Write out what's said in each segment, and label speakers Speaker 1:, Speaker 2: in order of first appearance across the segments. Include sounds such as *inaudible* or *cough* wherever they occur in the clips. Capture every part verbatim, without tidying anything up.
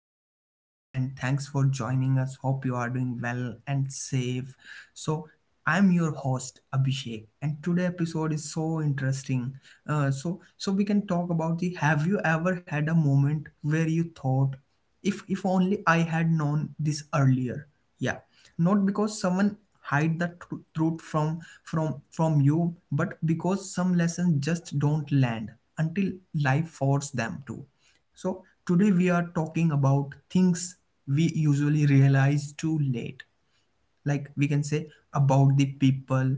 Speaker 1: our podcast and thanks for joining us. Hope you are doing well and safe. So, I'm your host Abhishek and today episode is so interesting. Uh, so so we can talk about the have you ever had a moment where you thought if if only I had known this earlier, yeah. Not because someone hide the tru- truth from from from you, but because some lessons just don't land until life forces them to. So today we are talking about things we usually realize too late, like we can say, about the people,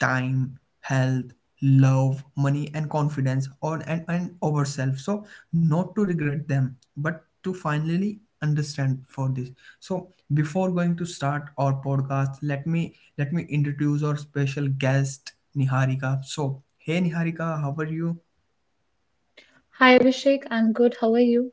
Speaker 1: time, health, love, money and confidence, or and, and ourselves, so not to regret them but to finally understand for this. So before going to start our podcast, let me let me introduce our special guest Niharika. So hey Niharika, how are you?
Speaker 2: Hi Abhishek, I'm good. How are you?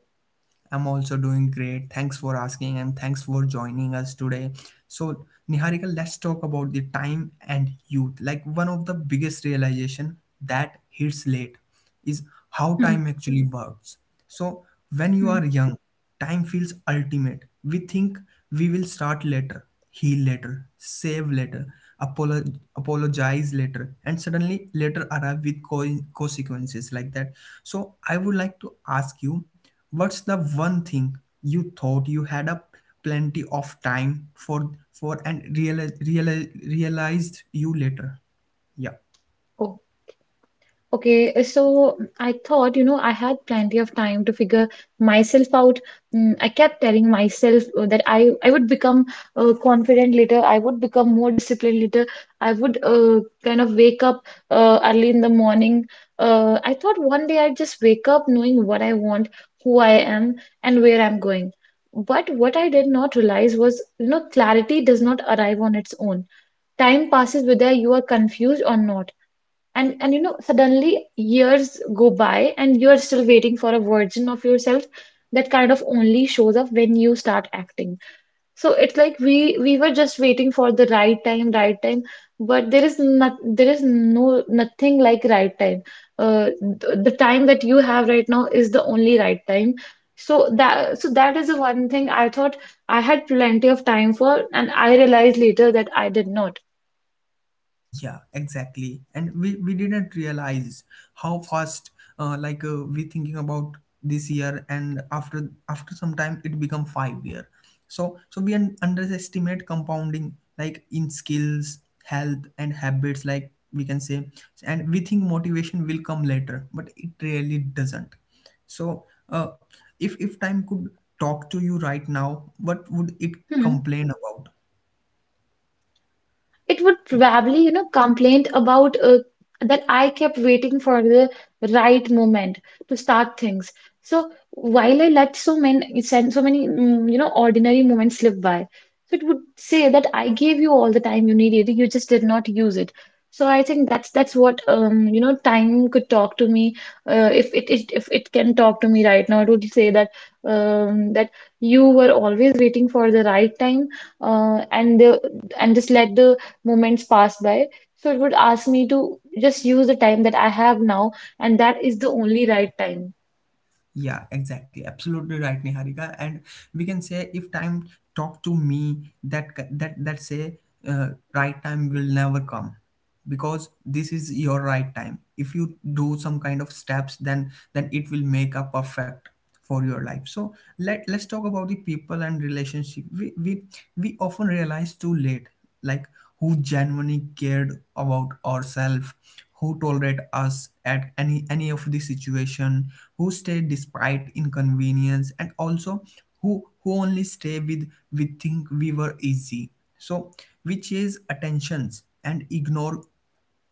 Speaker 1: I'm also doing great. Thanks for asking and thanks for joining us today. So, Niharika, let's talk about the time and youth. Like, one of the biggest realization that hits late is how
Speaker 2: Hmm,
Speaker 1: time actually works. So, when you
Speaker 2: hmm.
Speaker 1: are young, time feels ultimate. We think we will start later, heal later, save later, apolo- apologize later, and suddenly later arrive with co- consequences like that. So, I would like to ask you, what's the one thing you thought you had a plenty of time for for and real, real, realized you later? Yeah.
Speaker 2: Oh, okay. Uh, So mm, I thought, you know, I had plenty of time to figure myself out. Mm, I kept telling myself uh, that I I would become uh, confident later. I would become more disciplined later. I would uh, kind of wake up uh, early in the morning. Uh, I thought one day I'd just wake up knowing what I want, who I am, and where I'm going. But what I did not realize was, you know, clarity does not arrive on its own. Time passes whether you are confused or not, and and you know, suddenly years go by and you are still waiting for a version of yourself that kind of only shows up when you start acting. So it's like we we were just waiting for the right time right time But there is not there is no nothing like right time. Uh, th- the time that you have right now is the only right time. So that so that is the one thing I thought I had plenty of time for, and I realized later that I did not.
Speaker 1: Yeah, exactly. And we, we didn't realize how fast, uh, like uh, we thinking about this year, and after after some time it become five year. So so we un- underestimate compounding, like in skills, health and habits, like we can say, and we think motivation will come later, but it really doesn't. So, uh, if if time could talk to you right now, what would it complain about?
Speaker 2: It would probably, you know, complain about, uh, that I kept waiting for the right moment to start things. So, while I let so many send so many, mm, you know, ordinary moments slip by. So it would say that I gave you all the time you needed, you just did not use it. So I think that's that's what, um you know, time could talk to me. Uh, if it, it if it can talk to me right now, it would say that, um that you were always waiting for the right time, uh, and the and just let the moments pass by. So it would ask me to just use the time that I have now, and that is the only right time.
Speaker 1: Yeah, exactly. Absolutely right, Niharika. And we can say, if time talk to me, that that that say, uh, right time will never come, because this is your right time. If you do some kind of steps, then then it will make a perfect for your life. So let let's talk about the people and relationship. We we, we often realize too late, like, who genuinely cared about ourselves, who tolerate us at any any of the situation, who stayed despite inconvenience, and also who who only stay with, we think we were easy. So, which is attentions and ignore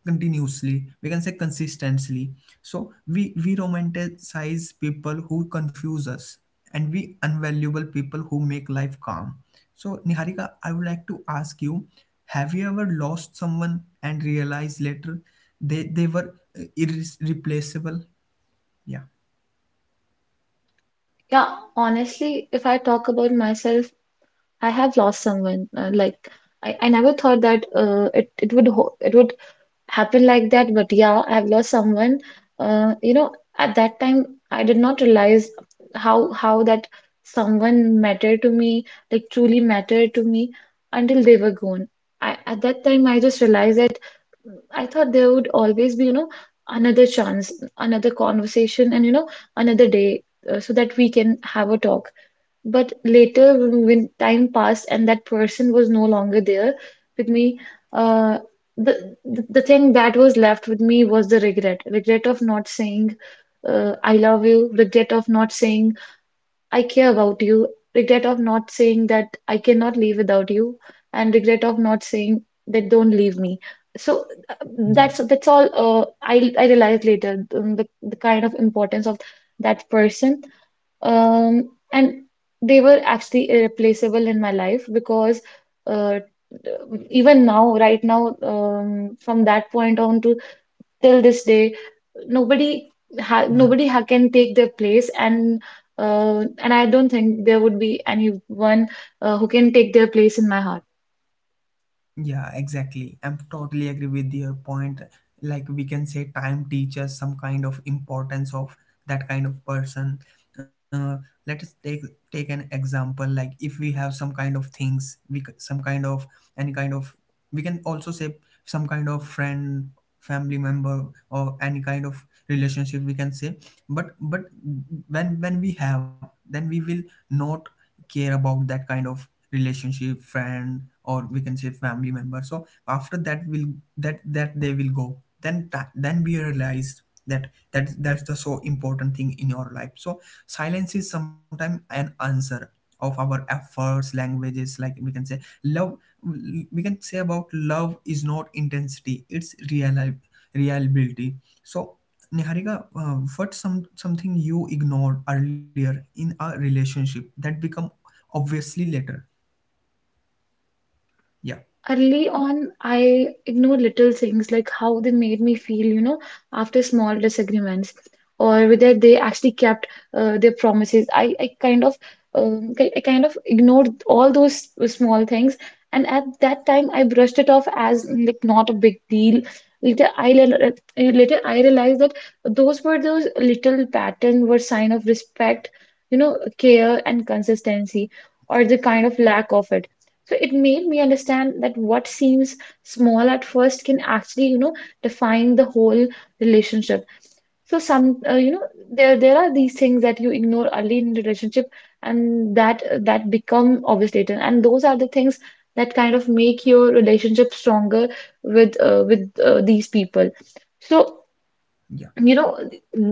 Speaker 1: continuously, we can say, consistently. So we we romanticize people who confuse us, and we unvaluable people who make life calm. So Niharika, I would like to ask you, have you ever lost someone and realized later they they were uh, irreplaceable? Yeah,
Speaker 2: Yeah, honestly, if I talk about myself, I have lost someone. Uh, like, I, I never thought that uh, it it would ho it would happen like that, but yeah, I've lost someone. Uh, you know, at that time, I did not realize how how that someone mattered to me, like truly mattered to me, until they were gone. I At that time, I just realized that, mm, I thought there would always be, you know, another chance, another conversation, and you know, another day, uh, so that we can have a talk. But later, when, when time passed and that person was no longer there with me, uh, the, the the thing that was left with me was the regret, regret of not saying, uh, I love you, regret of not saying, I care about you, regret of not saying that I cannot live without you, and regret of not saying that don't leave me. So uh,
Speaker 1: yeah,
Speaker 2: that's that's all. Uh, I I realized later, um, the the kind of importance of that person, um, and they were actually irreplaceable in my life, because uh, even now, right now, um, from that point on to till this day, nobody ha
Speaker 1: yeah.
Speaker 2: nobody ha can take their place, and uh, and I don't think there would be anyone uh, who can take their place in my heart.
Speaker 1: Yeah, exactly. I'm totally agree with your point. Like we can say, time teaches some kind of importance of that kind of person. Uh, Let us take take an example. Like if we have some kind of things, we c- some kind of, any kind of, we can also say, some kind of friend, family member, or any kind of relationship, we can say. But but when when we have, then we will not care about that kind of relationship, friend, or we can say family member. So after that will, that that they will go, then that then we realized that that that's the so important thing in your life. So silence is sometimes an answer of our efforts languages, like we can say love. We can say about love is not intensity, it's real reliability. So Niharika, uh, what some something you ignored earlier in a relationship that become obviously later? Yeah,
Speaker 2: Early on, I ignored little things like how they made me feel, you know, after small disagreements, or whether they actually kept uh, their promises. I, I kind of, um, ki- I kind of ignored all those small things, and at that time, I brushed it off as, mm, like, not a big deal. Later, I le- later I realized that those were, those little pattern were sign of respect, you know, care and consistency, or the kind of lack of it. So it made me understand that what seems small at first can actually, you know, define the whole relationship. So some, uh, you know, there there are these things that you ignore early in the relationship, and that that become obvious later. And those are the things that kind of make your relationship stronger with uh, with uh, these people. So,
Speaker 1: yeah,
Speaker 2: you know,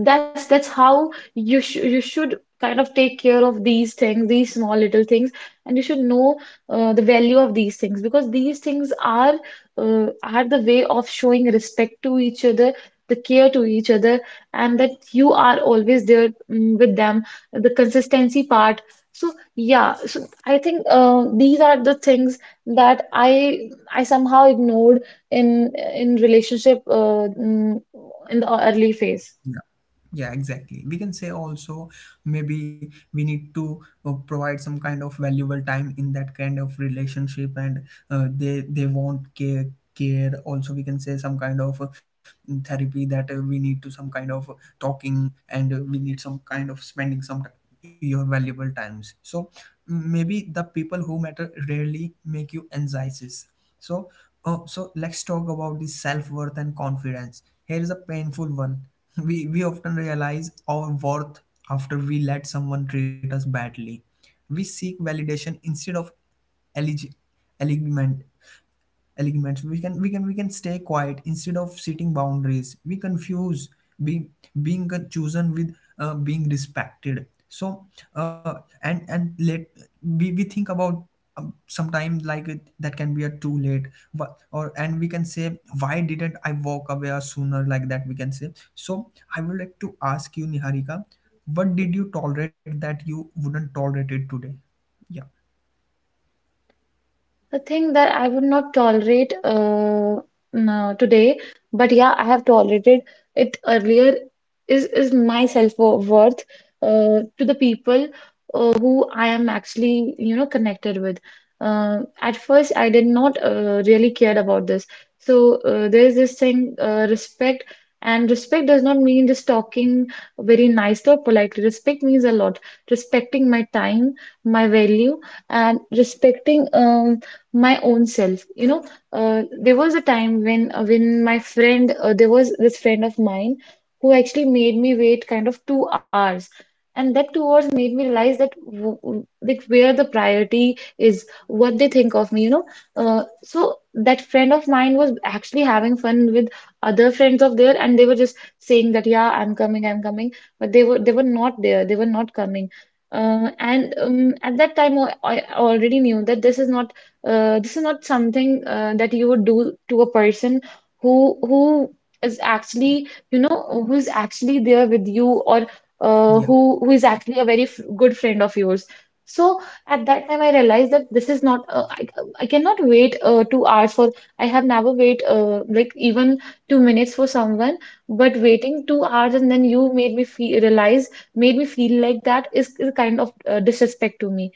Speaker 2: that's that's how you sh you should kind of take care of these things, these small little things, and you should know uh, the value of these things, because these things are uh, are the way of showing respect to each other, the care to each other, and that you are always there, mm, with them, the consistency part. So yeah, so I think uh, these are the things that I I somehow ignored in in relationship, uh, mm, in the early phase.
Speaker 1: yeah. Yeah, exactly. We can say also, maybe we need to uh, provide some kind of valuable time in that kind of relationship, and uh, they they want care, care. Also, we can say some kind of uh, therapy, that uh, we need to some kind of talking, and uh, we need some kind of spending some t- your valuable times. So maybe the people who matter rarely make you anxieties. So, uh, so let's talk about the self worth and confidence. Here is a painful one. *laughs* We we often realize our worth after we let someone treat us badly. We seek validation instead of eligiment elements, we can, we can we can stay quiet instead of setting boundaries. We confuse being being chosen with uh, being respected. So, uh, and and let we, we think about, um, sometimes, like it, that can be a too late. But or, and we can say, why didn't I walk away or sooner, like that, we can say. So I would like to ask you, Niharika, what did you tolerate that you wouldn't tolerate it today? Yeah.
Speaker 2: A thing that I would not tolerate, uh, no, today, but yeah, I have tolerated it earlier. Is is my self-worth, uh, to the people uh, who I am actually, you know, connected with. Uh, at first, I did not uh, really care about this. So, uh, there is this thing, uh, respect, and respect does not mean just talking very nicely or politely. Respect means a lot. Respecting my time, my value, and respecting, um my own self, you know. Uh, there was a time when, uh, when my friend, uh, there was this friend of mine who actually made me wait kind of two hours, and that two hours made me realize that, w- w- like, where the priority is, what they think of me, you know. Uh, so that friend of mine was actually having fun with other friends of theirs, and they were just saying that, yeah, I'm coming I'm coming but they were they were not there, they were not coming. Uh, and um, At that time, I, I already knew that this is not, uh, this is not something uh, that you would do to a person who who is actually, you know, who is actually there with you, or uh,
Speaker 1: Yeah,
Speaker 2: who who is actually a very f good friend of yours. So at that time, I realized that this is not, uh, I, I cannot wait uh, two hours for, I have never wait, uh, like, even two minutes for someone, but waiting two hours, and then you made me feel realize, made me feel like that is, is kind of uh, disrespect to me.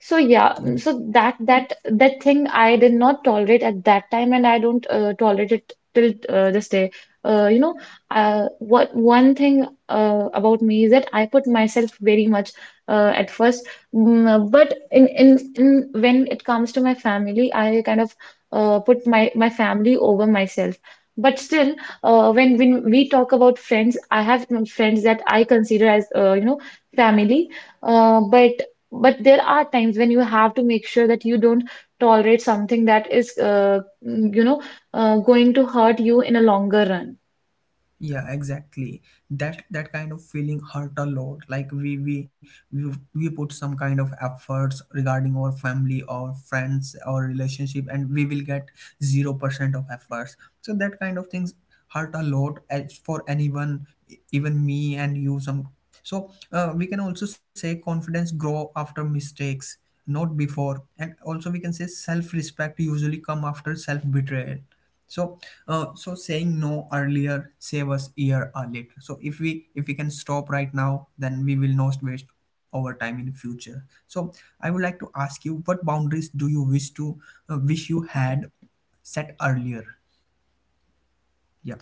Speaker 2: So yeah, mm, so that that that thing I did not tolerate at that time, and I don't uh, tolerate it till uh, this day. Uh, you know, uh, what one thing uh, about me is that I put myself very much uh, at first, mm, but in, in in when it comes to my family, I kind of uh, put my my family over myself. But still, uh, when when we talk about friends, I have, mm, friends that I consider as, uh, you know, family. Uh, but but there are times when you have to make sure that you don't tolerate something that is, uh, mm, you know, uh, going to hurt you in a longer run.
Speaker 1: yeah, exactly. That that kind of feeling hurt a lot. Like we we we, we put some kind of efforts regarding our family or friends or relationship, and we will get zero percent of efforts. So that kind of things hurt a lot, as for anyone, e- even me and you, some. So uh, we can also say, confidence grow after mistakes, not before. And also we can say, self respect usually come after self betrayal. So, uh, so saying no earlier save us year or later. So if we if we can stop right now, then we will not waste our time in the future. So I would like to ask you, what boundaries do you wish to, uh, wish you had set earlier? Yeah,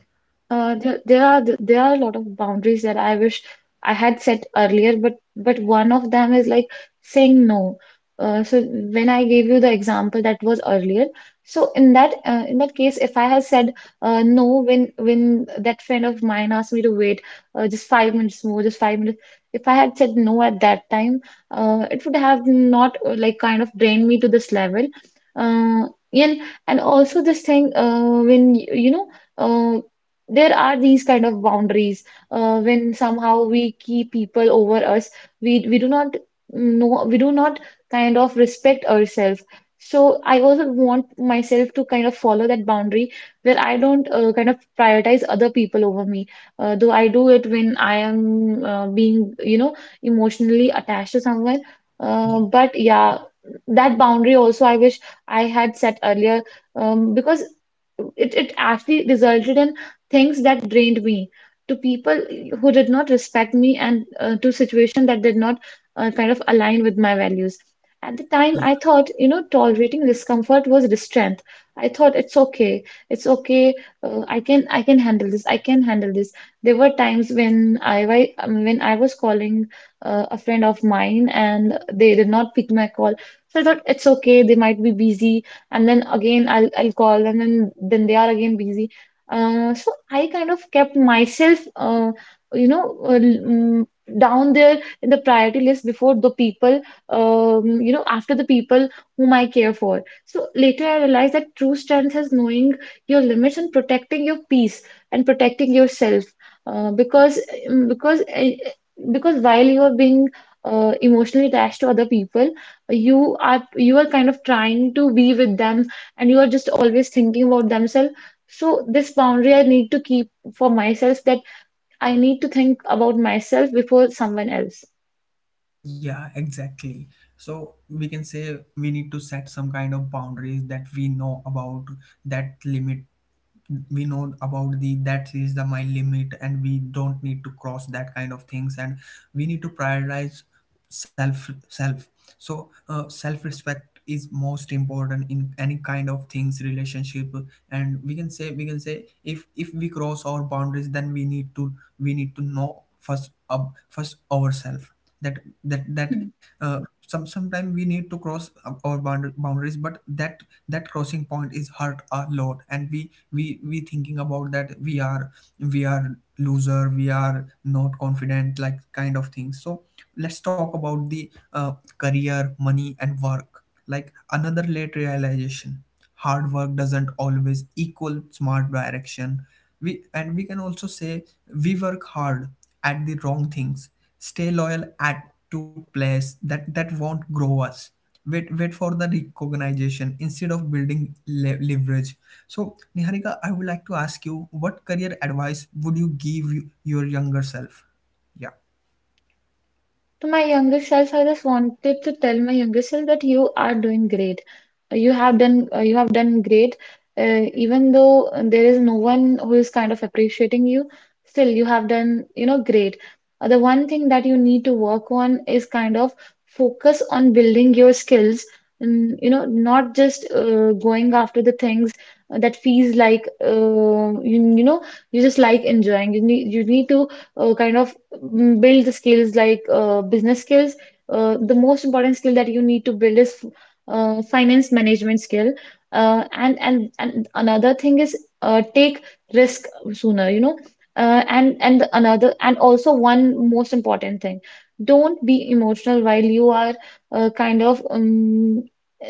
Speaker 2: Uh, there, there are there are a lot of boundaries that I wish I had set earlier, but but one of them is like saying no. Uh, so when I gave you the example that was earlier, so in that, uh, in that case, if I had said, uh, no, when when that friend of mine asked me to wait, uh, just five minutes more, just five minutes, if I had said no at that time, uh, it would have not, uh, like, kind of drained me to this level. Uh, and and also this thing, uh, when y- you know, uh there are these kind of boundaries, uh, when somehow we keep people over us, we we do not know, we do not kind of respect ourselves. So I also want myself to kind of follow that boundary where I don't, uh, kind of prioritize other people over me, uh, though I do it when I am, uh, being, you know, emotionally attached to someone. Uh,
Speaker 1: yeah,
Speaker 2: but yeah, that boundary also I wish I had set earlier, um, because it, it actually resulted in things that drained me, to people who did not respect me, and uh, to situations that did not uh, kind of align with my values. At the time, I
Speaker 1: yeah.
Speaker 2: thought, you know, tolerating discomfort was strength. I thought it's okay, it's okay. Uh, I can, I can handle this. I can handle this. There were times when I, wa- um, when I was calling, uh, a friend of mine, and they did not pick my call. So I thought it's okay. They might be busy, and then again I'll I'll call, and then then they are again busy. Uh, so I kind of kept myself, uh, you know, uh, mm, down there in the priority list before the people, um, you know, after the people whom I care for. So later I realized that true strength is knowing your limits and protecting your peace and protecting yourself. Uh, because mm, because uh, because while you are being uh, emotionally attached to other people, you are you are kind of trying to be with them, and you are just always thinking about themselves. So this boundary I need to keep for myself, that I need to think about myself before someone else.
Speaker 1: Yeah, exactly. So we can say, we need to set some kind of boundaries, that we know about that limit, we know about the that is the my limit, and we don't need to cross that kind of things. And we need to prioritize self self So uh, self respect is most important in any kind of things, relationship. And we can say, we can say if if we cross our boundaries, then we need to we need to know, first up first ourselves, that, that that
Speaker 2: Hmm.
Speaker 1: uh, some sometimes we need to cross our bound- boundaries, but that that crossing point is hurt a lot, and we we we thinking about that we are we are loser, we are not confident, like kind of thing. So let's talk about the uh, career, money and work, like another late realization. Hard work doesn't always equal smart direction. We and we can also say, we work hard at the wrong things, stay loyal at to place that that won't grow us, wait wait for the recognition instead of building le- leverage. So Niharika, I would like to ask you, what career advice would you give you, your younger self? Yeah.
Speaker 2: To my younger self, I just wanted to tell my younger self that you are doing great. Uh, You have done uh, you have done great. Uh, even though uh, there is no one who is kind of appreciating you, still you have done, you know, great. Uh, the one thing that you need to work on is kind of focus on building your skills and, you know, not just uh, going after the things that feels like uh, you, you know, you just like enjoying. You need you need to uh, kind of mm, build the skills, like uh, business skills. Uh, the most important skill that you need to build is uh, finance management skill. Uh, and and and another thing is, uh, take risk sooner, you know. Uh, and and another, and also one most important thing, don't be emotional while you are uh, kind of um,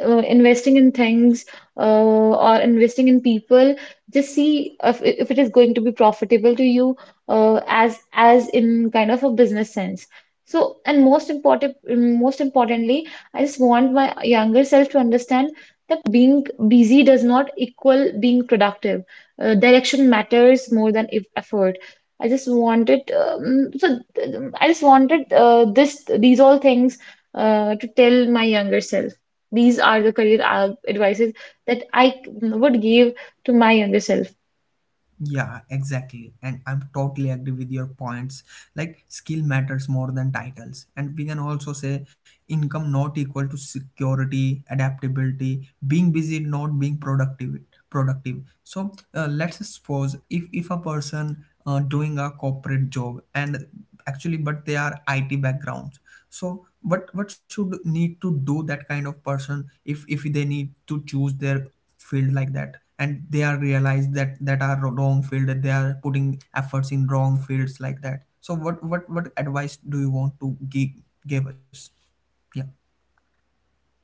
Speaker 2: uh, investing in things uh, or investing in people. Just see if if it is going to be profitable to you uh, as as in kind of a business sense. So, and most important, most importantly, I just want my younger self to understand that being busy does not equal being productive. Uh, direction matters more than if effort. I just wanted, um, so th- I just wanted uh, this, these all things uh, to tell my younger self. These are the career uh, advices that I would give to my younger self.
Speaker 1: Yeah, exactly. And I'm totally agree with your points. Like, skill matters more than titles. And we can also say, income not equal to security, adaptability, being busy, not being productive productive. So uh, let's suppose, if, if a person uh, doing a corporate job and actually, but they are I T backgrounds. So what what should need to do that kind of person, if if they need to choose their field like that, and they are realized that that are wrong field, that they are putting efforts in wrong fields like that. So what what what advice do you want to give, give us? Yeah,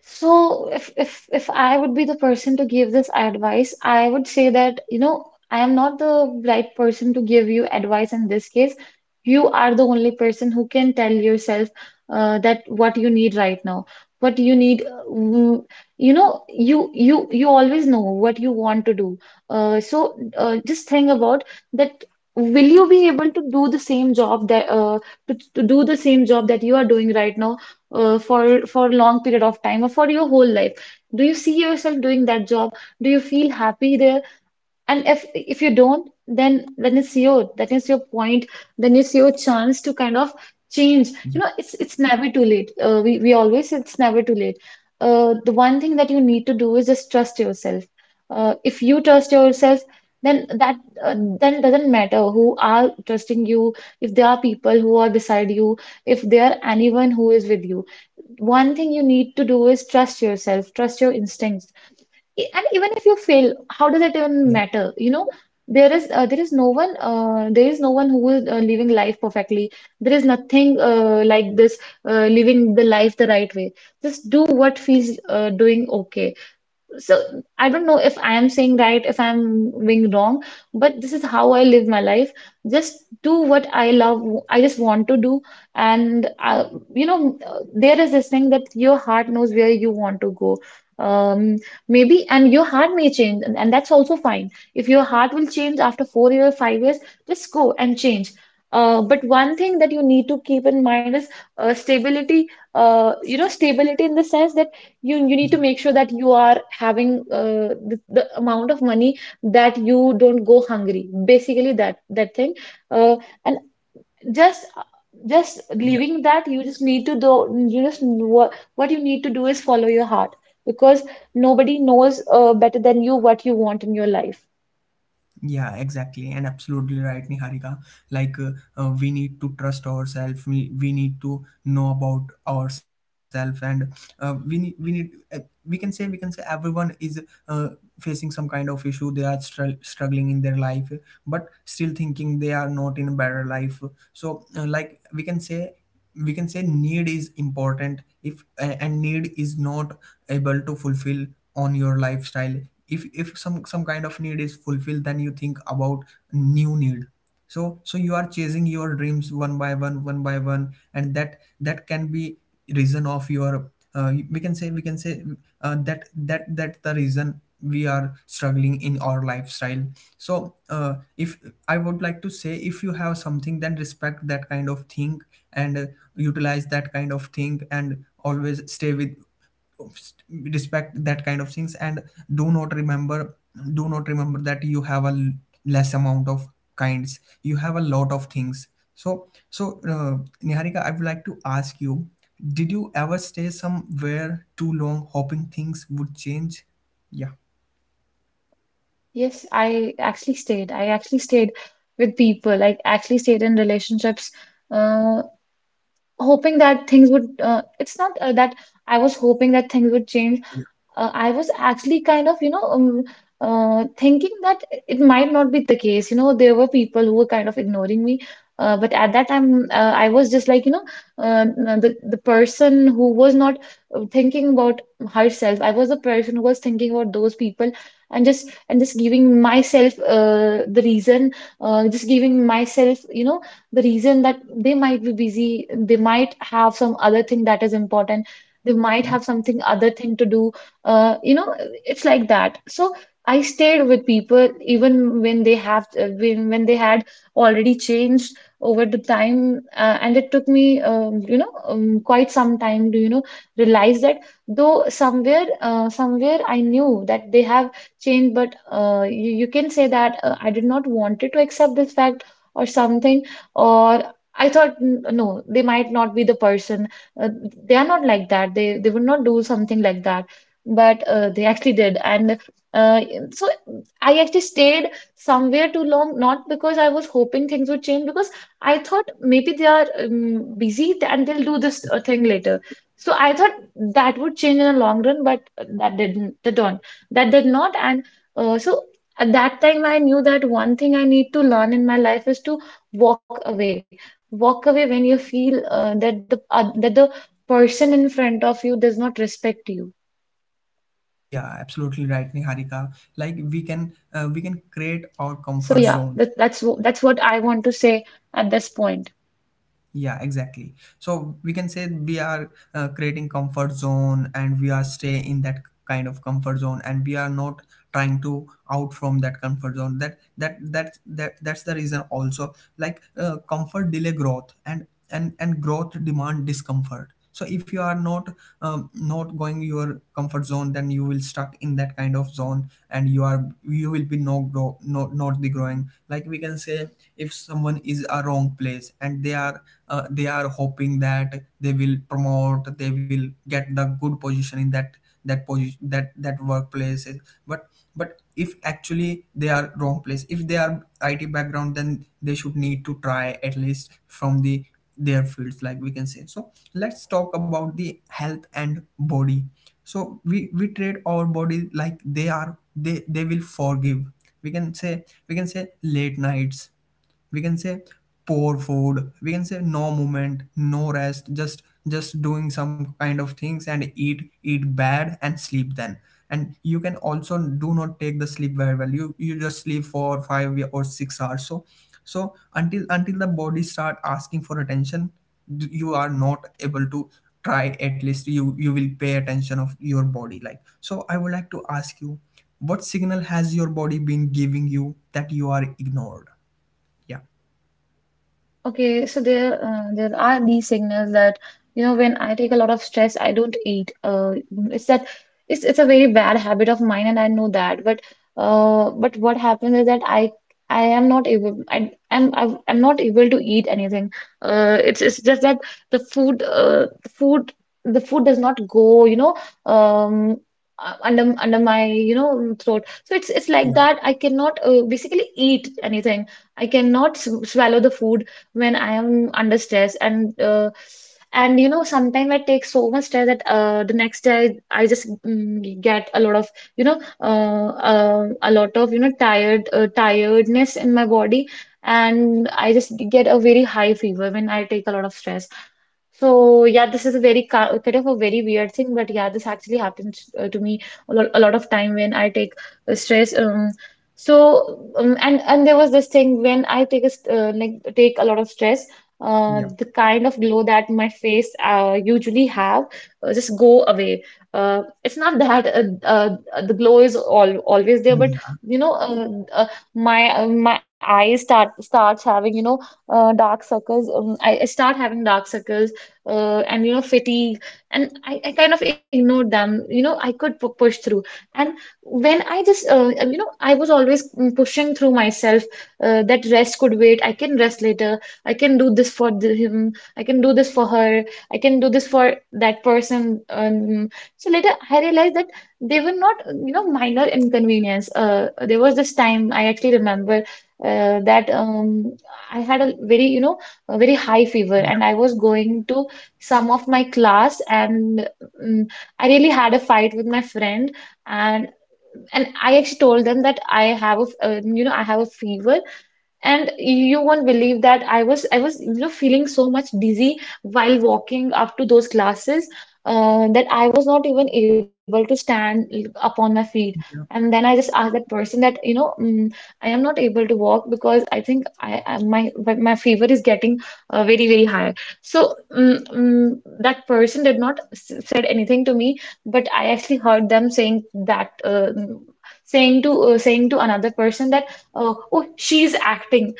Speaker 2: So if if if I would be the person to give this advice, I would say that, you know, I am not the right person to give you advice in this case. You are the only person who can tell yourself uh, that what you need right now. What you need, uh, mm, you know, you you you always know what you want to do. Uh, so uh, just think about that. Will you be able to do the same job that uh, to, to do the same job that you are doing right now? uh, for for a long period of time or for your whole life, do you see yourself doing that job? Do you feel happy there? And if if you don't, then then it's your, that is your point. Then it's your chance to kind of change.
Speaker 1: yeah,
Speaker 2: You know, it's it's never too late. Uh, we we always say it's never too late. Uh, the one thing that you need to do is just trust yourself. Uh, if you trust yourself, then that uh, then doesn't matter who are trusting you. If there are people who are beside you, if there are anyone who is with you, one thing you need to do is trust yourself, trust your instincts. E- and even if you fail, how does it
Speaker 1: yeah,
Speaker 2: even matter, you know? There is uh, there is no one, uh, there is no one who is uh, living life perfectly. There is nothing uh, like this, uh, living the life the right way. Just do what feels uh, doing okay. So I don't know if I am saying right, if I'm being wrong, but this is how I live my life. Just do what I love, I just want to do. And uh, you know, uh, there is this thing that your heart knows where you want to go. Um, Maybe, and your heart may change, and, and that's also fine. If your heart will change after four years, five years, just go and change. Uh, but one thing that you need to keep in mind is uh, stability. Uh, you know, stability in the sense that you you need to make sure that you are having uh, the, the amount of money that you don't go hungry. Basically, that that thing, uh, and just just
Speaker 1: yeah.
Speaker 2: leaving that, you just need to do. You just, what what you need to do is follow your heart, because nobody knows uh, better than you what you want in your life.
Speaker 1: Yeah, exactly, and absolutely right, Niharika. Like, uh, uh, we need to trust ourselves. We we need to know about ourselves, and uh, we need we need uh, we can say we can say everyone is uh, facing some kind of issue. They are str- struggling in their life, but still thinking they are not in a better life. So, uh, like we can say we can say, need is important, if a- and need is not able to fulfill on your lifestyle. If if some some kind of need is fulfilled, then you think about new need. So so you are chasing your dreams, one by one one by one, and that that can be reason of your, uh, we can say, we can say uh, that that that the reason we are struggling in our lifestyle. So uh, if I would like to say, if you have something, then respect that kind of thing, and uh, utilize that kind of thing, and always stay with respect that kind of things, and do not remember do not remember that you have a l- less amount of kinds, you have a lot of things. So so uh, Niharika, I would like to ask you, did you ever stay somewhere too long hoping things would change? Yeah.
Speaker 2: Yes, I actually stayed. I actually stayed with people. I actually stayed in relationships, uh, hoping that things would. Uh, it's not uh, that. I was hoping that things would change. uh, I was actually kind of, you know, um, uh, thinking that it might not be the case. You know, there were people who were kind of ignoring me. Uh, but at that time, uh, I was just like, you know, uh, the the person who was not uh, thinking about herself. I was the person who was thinking about those people, and just and just giving myself uh, the reason, uh, just giving myself, you know, the reason that they might be busy, they might have some other thing that is important, they might
Speaker 1: Yeah,
Speaker 2: have something other thing to do, uh, you know, it's like that. So I stayed with people even when they have uh, when when they had already changed over the time, uh, and it took me, um, you know, um, quite some time to, you know, realize that though somewhere, uh, somewhere I knew that they have changed, but uh, you you can say that uh, I did not wanted to accept this fact or something, or I thought, "N- no, they might not be the person. Uh, they are not like that. They they would not do something like that. But uh, they actually did, and uh, so I actually stayed somewhere too long, not because I was hoping things would change, because I thought maybe they are um, busy and they'll do this uh, thing later. So I thought that would change in the long run, but that didn't, that don't that did not. And uh, so at that time I knew that one thing I need to learn in my life is to walk away. Walk away when you feel uh, that the, uh, that the person in front of you does not respect you.
Speaker 1: yeah, absolutely right, Niharika. Like, we can, uh, we can
Speaker 2: So
Speaker 1: create
Speaker 2: yeah,
Speaker 1: our
Speaker 2: that,
Speaker 1: comfort
Speaker 2: that's wh-
Speaker 1: zone.
Speaker 2: that's what I want to say at this point.
Speaker 1: Yeah, exactly. So we can say, we are uh, creating comfort zone, and we are stay in that kind of comfort zone, and we are not trying to out from that comfort zone. That that that that that's the reason also, like, uh, comfort delay growth, and and and growth demand discomfort. So if you are not um, not going your comfort zone, then you will stuck in that kind of zone, and you are you will be no grow no not the growing. Like we can say, if someone is a wrong place and they are uh, they are hoping that they will promote, they will get the good position in that that position, that that workplace, but but if actually they are wrong place, if they are it background, then they should need to try at least from the their fields. Like we can say, so let's talk about the health and body. So we we treat our body like they are they they will forgive. We can say, we can say late nights, we can say poor food, we can say no movement, no rest, just just doing some kind of things, and eat, eat bad and sleep. Then, and you can also do not take the sleep very well. You you just sleep for five or six hours. So so until until the body start asking for attention, d- you are not able to try. At least you you will pay attention of your body. Like, so I would like to ask you, what signal has your body been giving you that you are ignored? Yeah.
Speaker 2: Okay, so there, uh, there are these signals that, you know, when I take a lot of stress, I don't eat. Uh, it's that, it's it's a very bad habit of mine, and I know that. But uh, but what happens is that I I am not able I am I am not able to eat anything. Uh, it's it's just that the food uh the food the food does not go, you know, um uh, under under my, you know, throat. So it's it's like
Speaker 1: Yeah,
Speaker 2: that. I cannot uh, basically eat anything. I cannot sw swallow the food when I am under stress. And uh, and you know, sometimes I take so much stress that uh, the next day I, I just mm, get a lot of, you know, uh, uh, a lot of, you know, tired uh, tiredness in my body, and I just get a very high fever when I take a lot of stress. So yeah, this is a very ki- kind of a very weird thing, but yeah, this actually happens uh, to me a lot, a lot of time when I take uh, stress. Um, so um, and and there was this thing when I take a st- uh, like take a lot of stress, uh,
Speaker 1: yeah,
Speaker 2: the kind of glow that my face uh, usually have uh, just go away. Uh, it's not that uh, uh, the glow is all always there,
Speaker 1: yeah,
Speaker 2: but
Speaker 1: yeah,
Speaker 2: you know, uh, uh, my, uh, my eyes start, starts having, you know, uh, dark circles. Um, I, I start having dark circles uh, and, you know, fatigue, and I, I kind of ignored them. You know, I could pu- push through, and when I just, uh, you know, I was always, mm, pushing through myself, uh, that rest could wait, I can rest later. I can do this for the, him, I can do this for her, I can do this for that person. Um, so later I realized that they were not, you know, minor inconvenience. Uh, there was this time I actually remember, uh, that um, I had a very, you know, a very high fever, and I was going to some of my class and, mm, I really had a fight with my friend, and and I actually told them that I have a f- uh, you know, I have a fever, and you won't believe that I was I was, you know, feeling so much dizzy while walking up to those classes, uh, that I was not even able to stand upon my feet. And then I just asked that person that, you know, mm, I am not able to walk because I think I, I my my fever is getting uh, very, very high. So mm, mm, that person did not s- said anything to me, but I actually heard them saying that uh, saying to uh, saying to another person that, uh, oh, she's acting.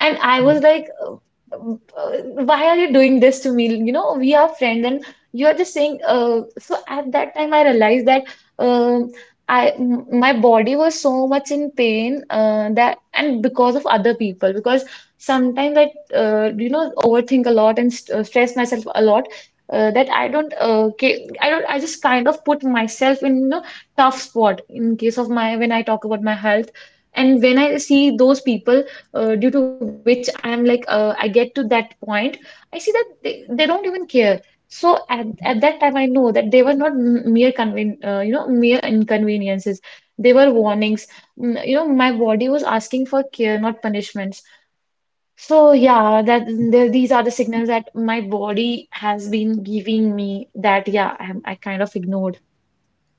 Speaker 2: And I was
Speaker 1: yeah.
Speaker 2: like, uh, uh, why are you doing this to me? You know, we are friends and you are just saying, uh, so at that time I realized that, um, I m- my body was so much in pain, uh, that and because of other people, because sometimes I, uh, you know overthink a lot and st uh, stress myself a lot, uh, that I don't uh, ca- I don't I just kind of put myself in, you know, tough spot in case of my, when I talk about my health and when I see those people, uh, due to which I'm like, uh, I get to that point. I see that they, they don't even care. So at, at that time, I know that they were not m- mere conven uh, you know, mere inconveniences. They were warnings. Mm, you know, my body was asking for care, not punishments. So yeah, that the, these are the signals that my body has been giving me, that yeah, I'm, I kind of ignored.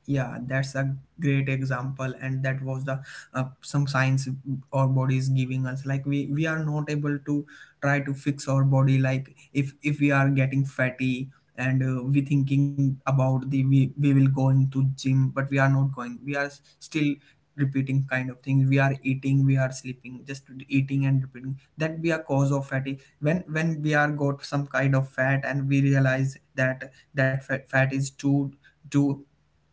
Speaker 1: Yeah, that's a great example, and that was the uh, some science our body is giving us. Like, we we are not able to try to fix our body. Like, if if we are getting fatty and uh, we thinking about the, we, we will going to gym, but we are not going, we are s- still repeating kind of things. We are eating, we are sleeping, just eating and repeating that be a cause of fatty. When when we are got some kind of fat and we realize that that fat, fat is too too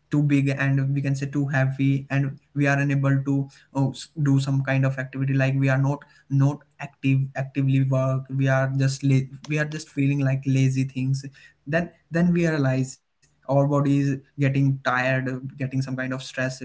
Speaker 1: too big, and we can say too heavy, and we are unable to uh, s- do some kind of activity. Like, we are not not active, actively work. We are just la- we are just feeling like lazy things. Then then we realize our body is getting tired, uh, getting some kind of stress. uh,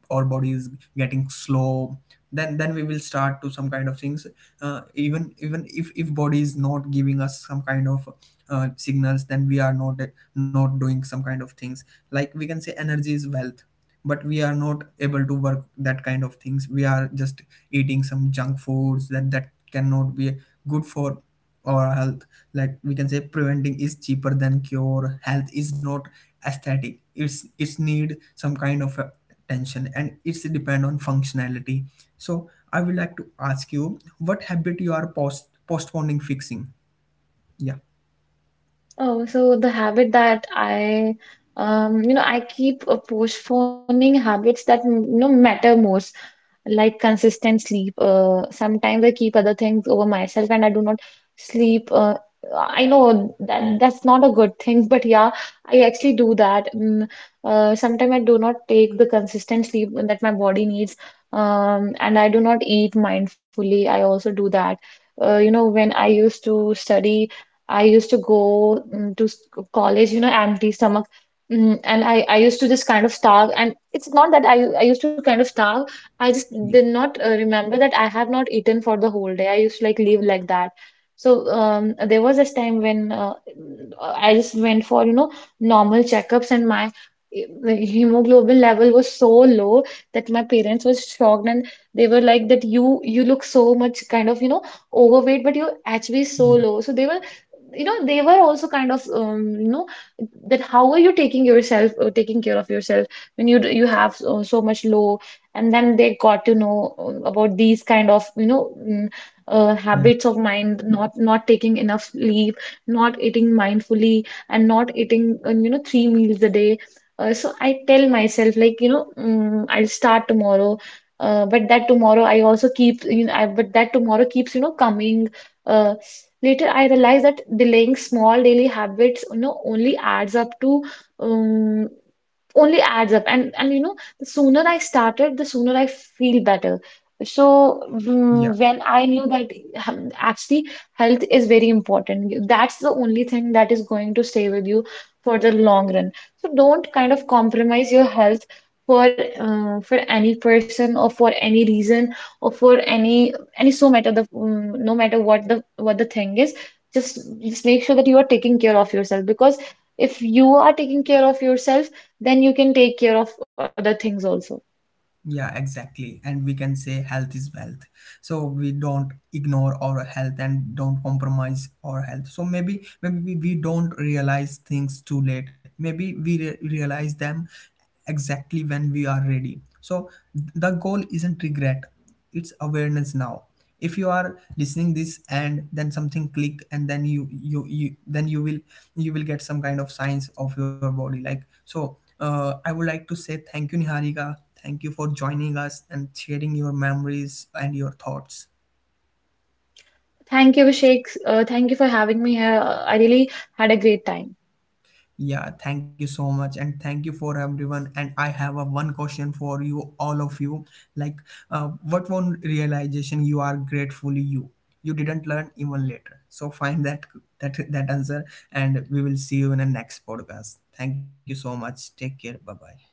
Speaker 1: Our body is getting slow. Then then we will start to some kind of things. Uh, even even if if body is not giving us some kind of uh, signals, then we are not not doing some kind of things. Like we can say, energy is wealth, but we are not able to work that kind of things. We are just eating some junk foods that that cannot be good for our health. Like we can say, preventing is cheaper than cure. Health is not aesthetic. It's it's need some kind of uh, attention, and it's depend on functionality. So I would like to ask you, what habit you are post postponing fixing? Yeah,
Speaker 2: Oh, so the habit that I, um, you know, I keep uh, postponing habits that, m- you know, matter most, like consistent sleep. Uh, sometimes I keep other things over myself, and I do not sleep. Uh, I know that that's not a good thing, *laughs* but yeah, I actually do that. Mm, uh, sometimes I do not take the consistent sleep that my body needs, um, and I do not eat mindfully. I also do that. Uh, you know, when I used to study, I used to go mm, to s- college, you know, empty stomach. Mm, and I, I used to just kind of starve. And it's not that I, I used to kind of starve. I just
Speaker 1: yeah,
Speaker 2: did not uh, remember that I have not eaten for the whole day. I used to like live like that. So um, there was this time when, uh, I just went for, you know, normal checkups, and my the hemoglobin level was so low that my parents was shocked, and they were like that you you look so much kind of, you know, overweight, but your H B is so
Speaker 1: yeah,
Speaker 2: low. So they were, you know, they were also kind of, um, you know, that how are you taking yourself, uh, taking care of yourself, when you you have so, so much low. And then they got to know, uh, about these kind of, you know, mm, uh,
Speaker 1: mm,
Speaker 2: habits of mind, not not taking enough sleep, not eating mindfully, and not eating, uh, you know, three meals a day. Uh, so I tell myself like, you know, mm, I'll start tomorrow, uh, but that tomorrow I also keep, you know I, but that tomorrow keeps, you know, coming. uh, Later, I realized that delaying small daily habits, you know, only adds up to, um, only adds up. and and you know, the sooner I started, the sooner I feel better. So mm,
Speaker 1: yeah.
Speaker 2: when I knew that, um, actually, health is very important. That's the only thing that is going to stay with you for the long run. So don't kind of compromise your health for, uh, for any person, or for any reason, or for any. And it's so matter the mm, no matter what the what the thing is, just just make sure that you are taking care of yourself, because if you are taking care of yourself, then you can take care of other things also.
Speaker 1: Yeah, exactly. And we can say, health is wealth. So we don't ignore our health, and don't compromise our health. So maybe maybe we we don't realize things too late. Maybe we re- realize them exactly when we are ready. So th- the goal isn't regret. It's awareness now. If you are listening this and then something click, and then you you, you then you will you will get some kind of signs of your body. Like, so uh, I would like to say thank you, Niharika. Thank you for joining us and sharing your memories and your thoughts.
Speaker 2: Thank you, Abhishek, uh, thank you for having me here. Uh, I really had a great time.
Speaker 1: Yeah, thank you so much, and thank you for everyone. And I have a one question for you, all of you. Like, uh, what one realization you are gratefully you you didn't learn even later. So find that that that answer, and we will see you in the next podcast. Thank you so much. Take care. Bye bye.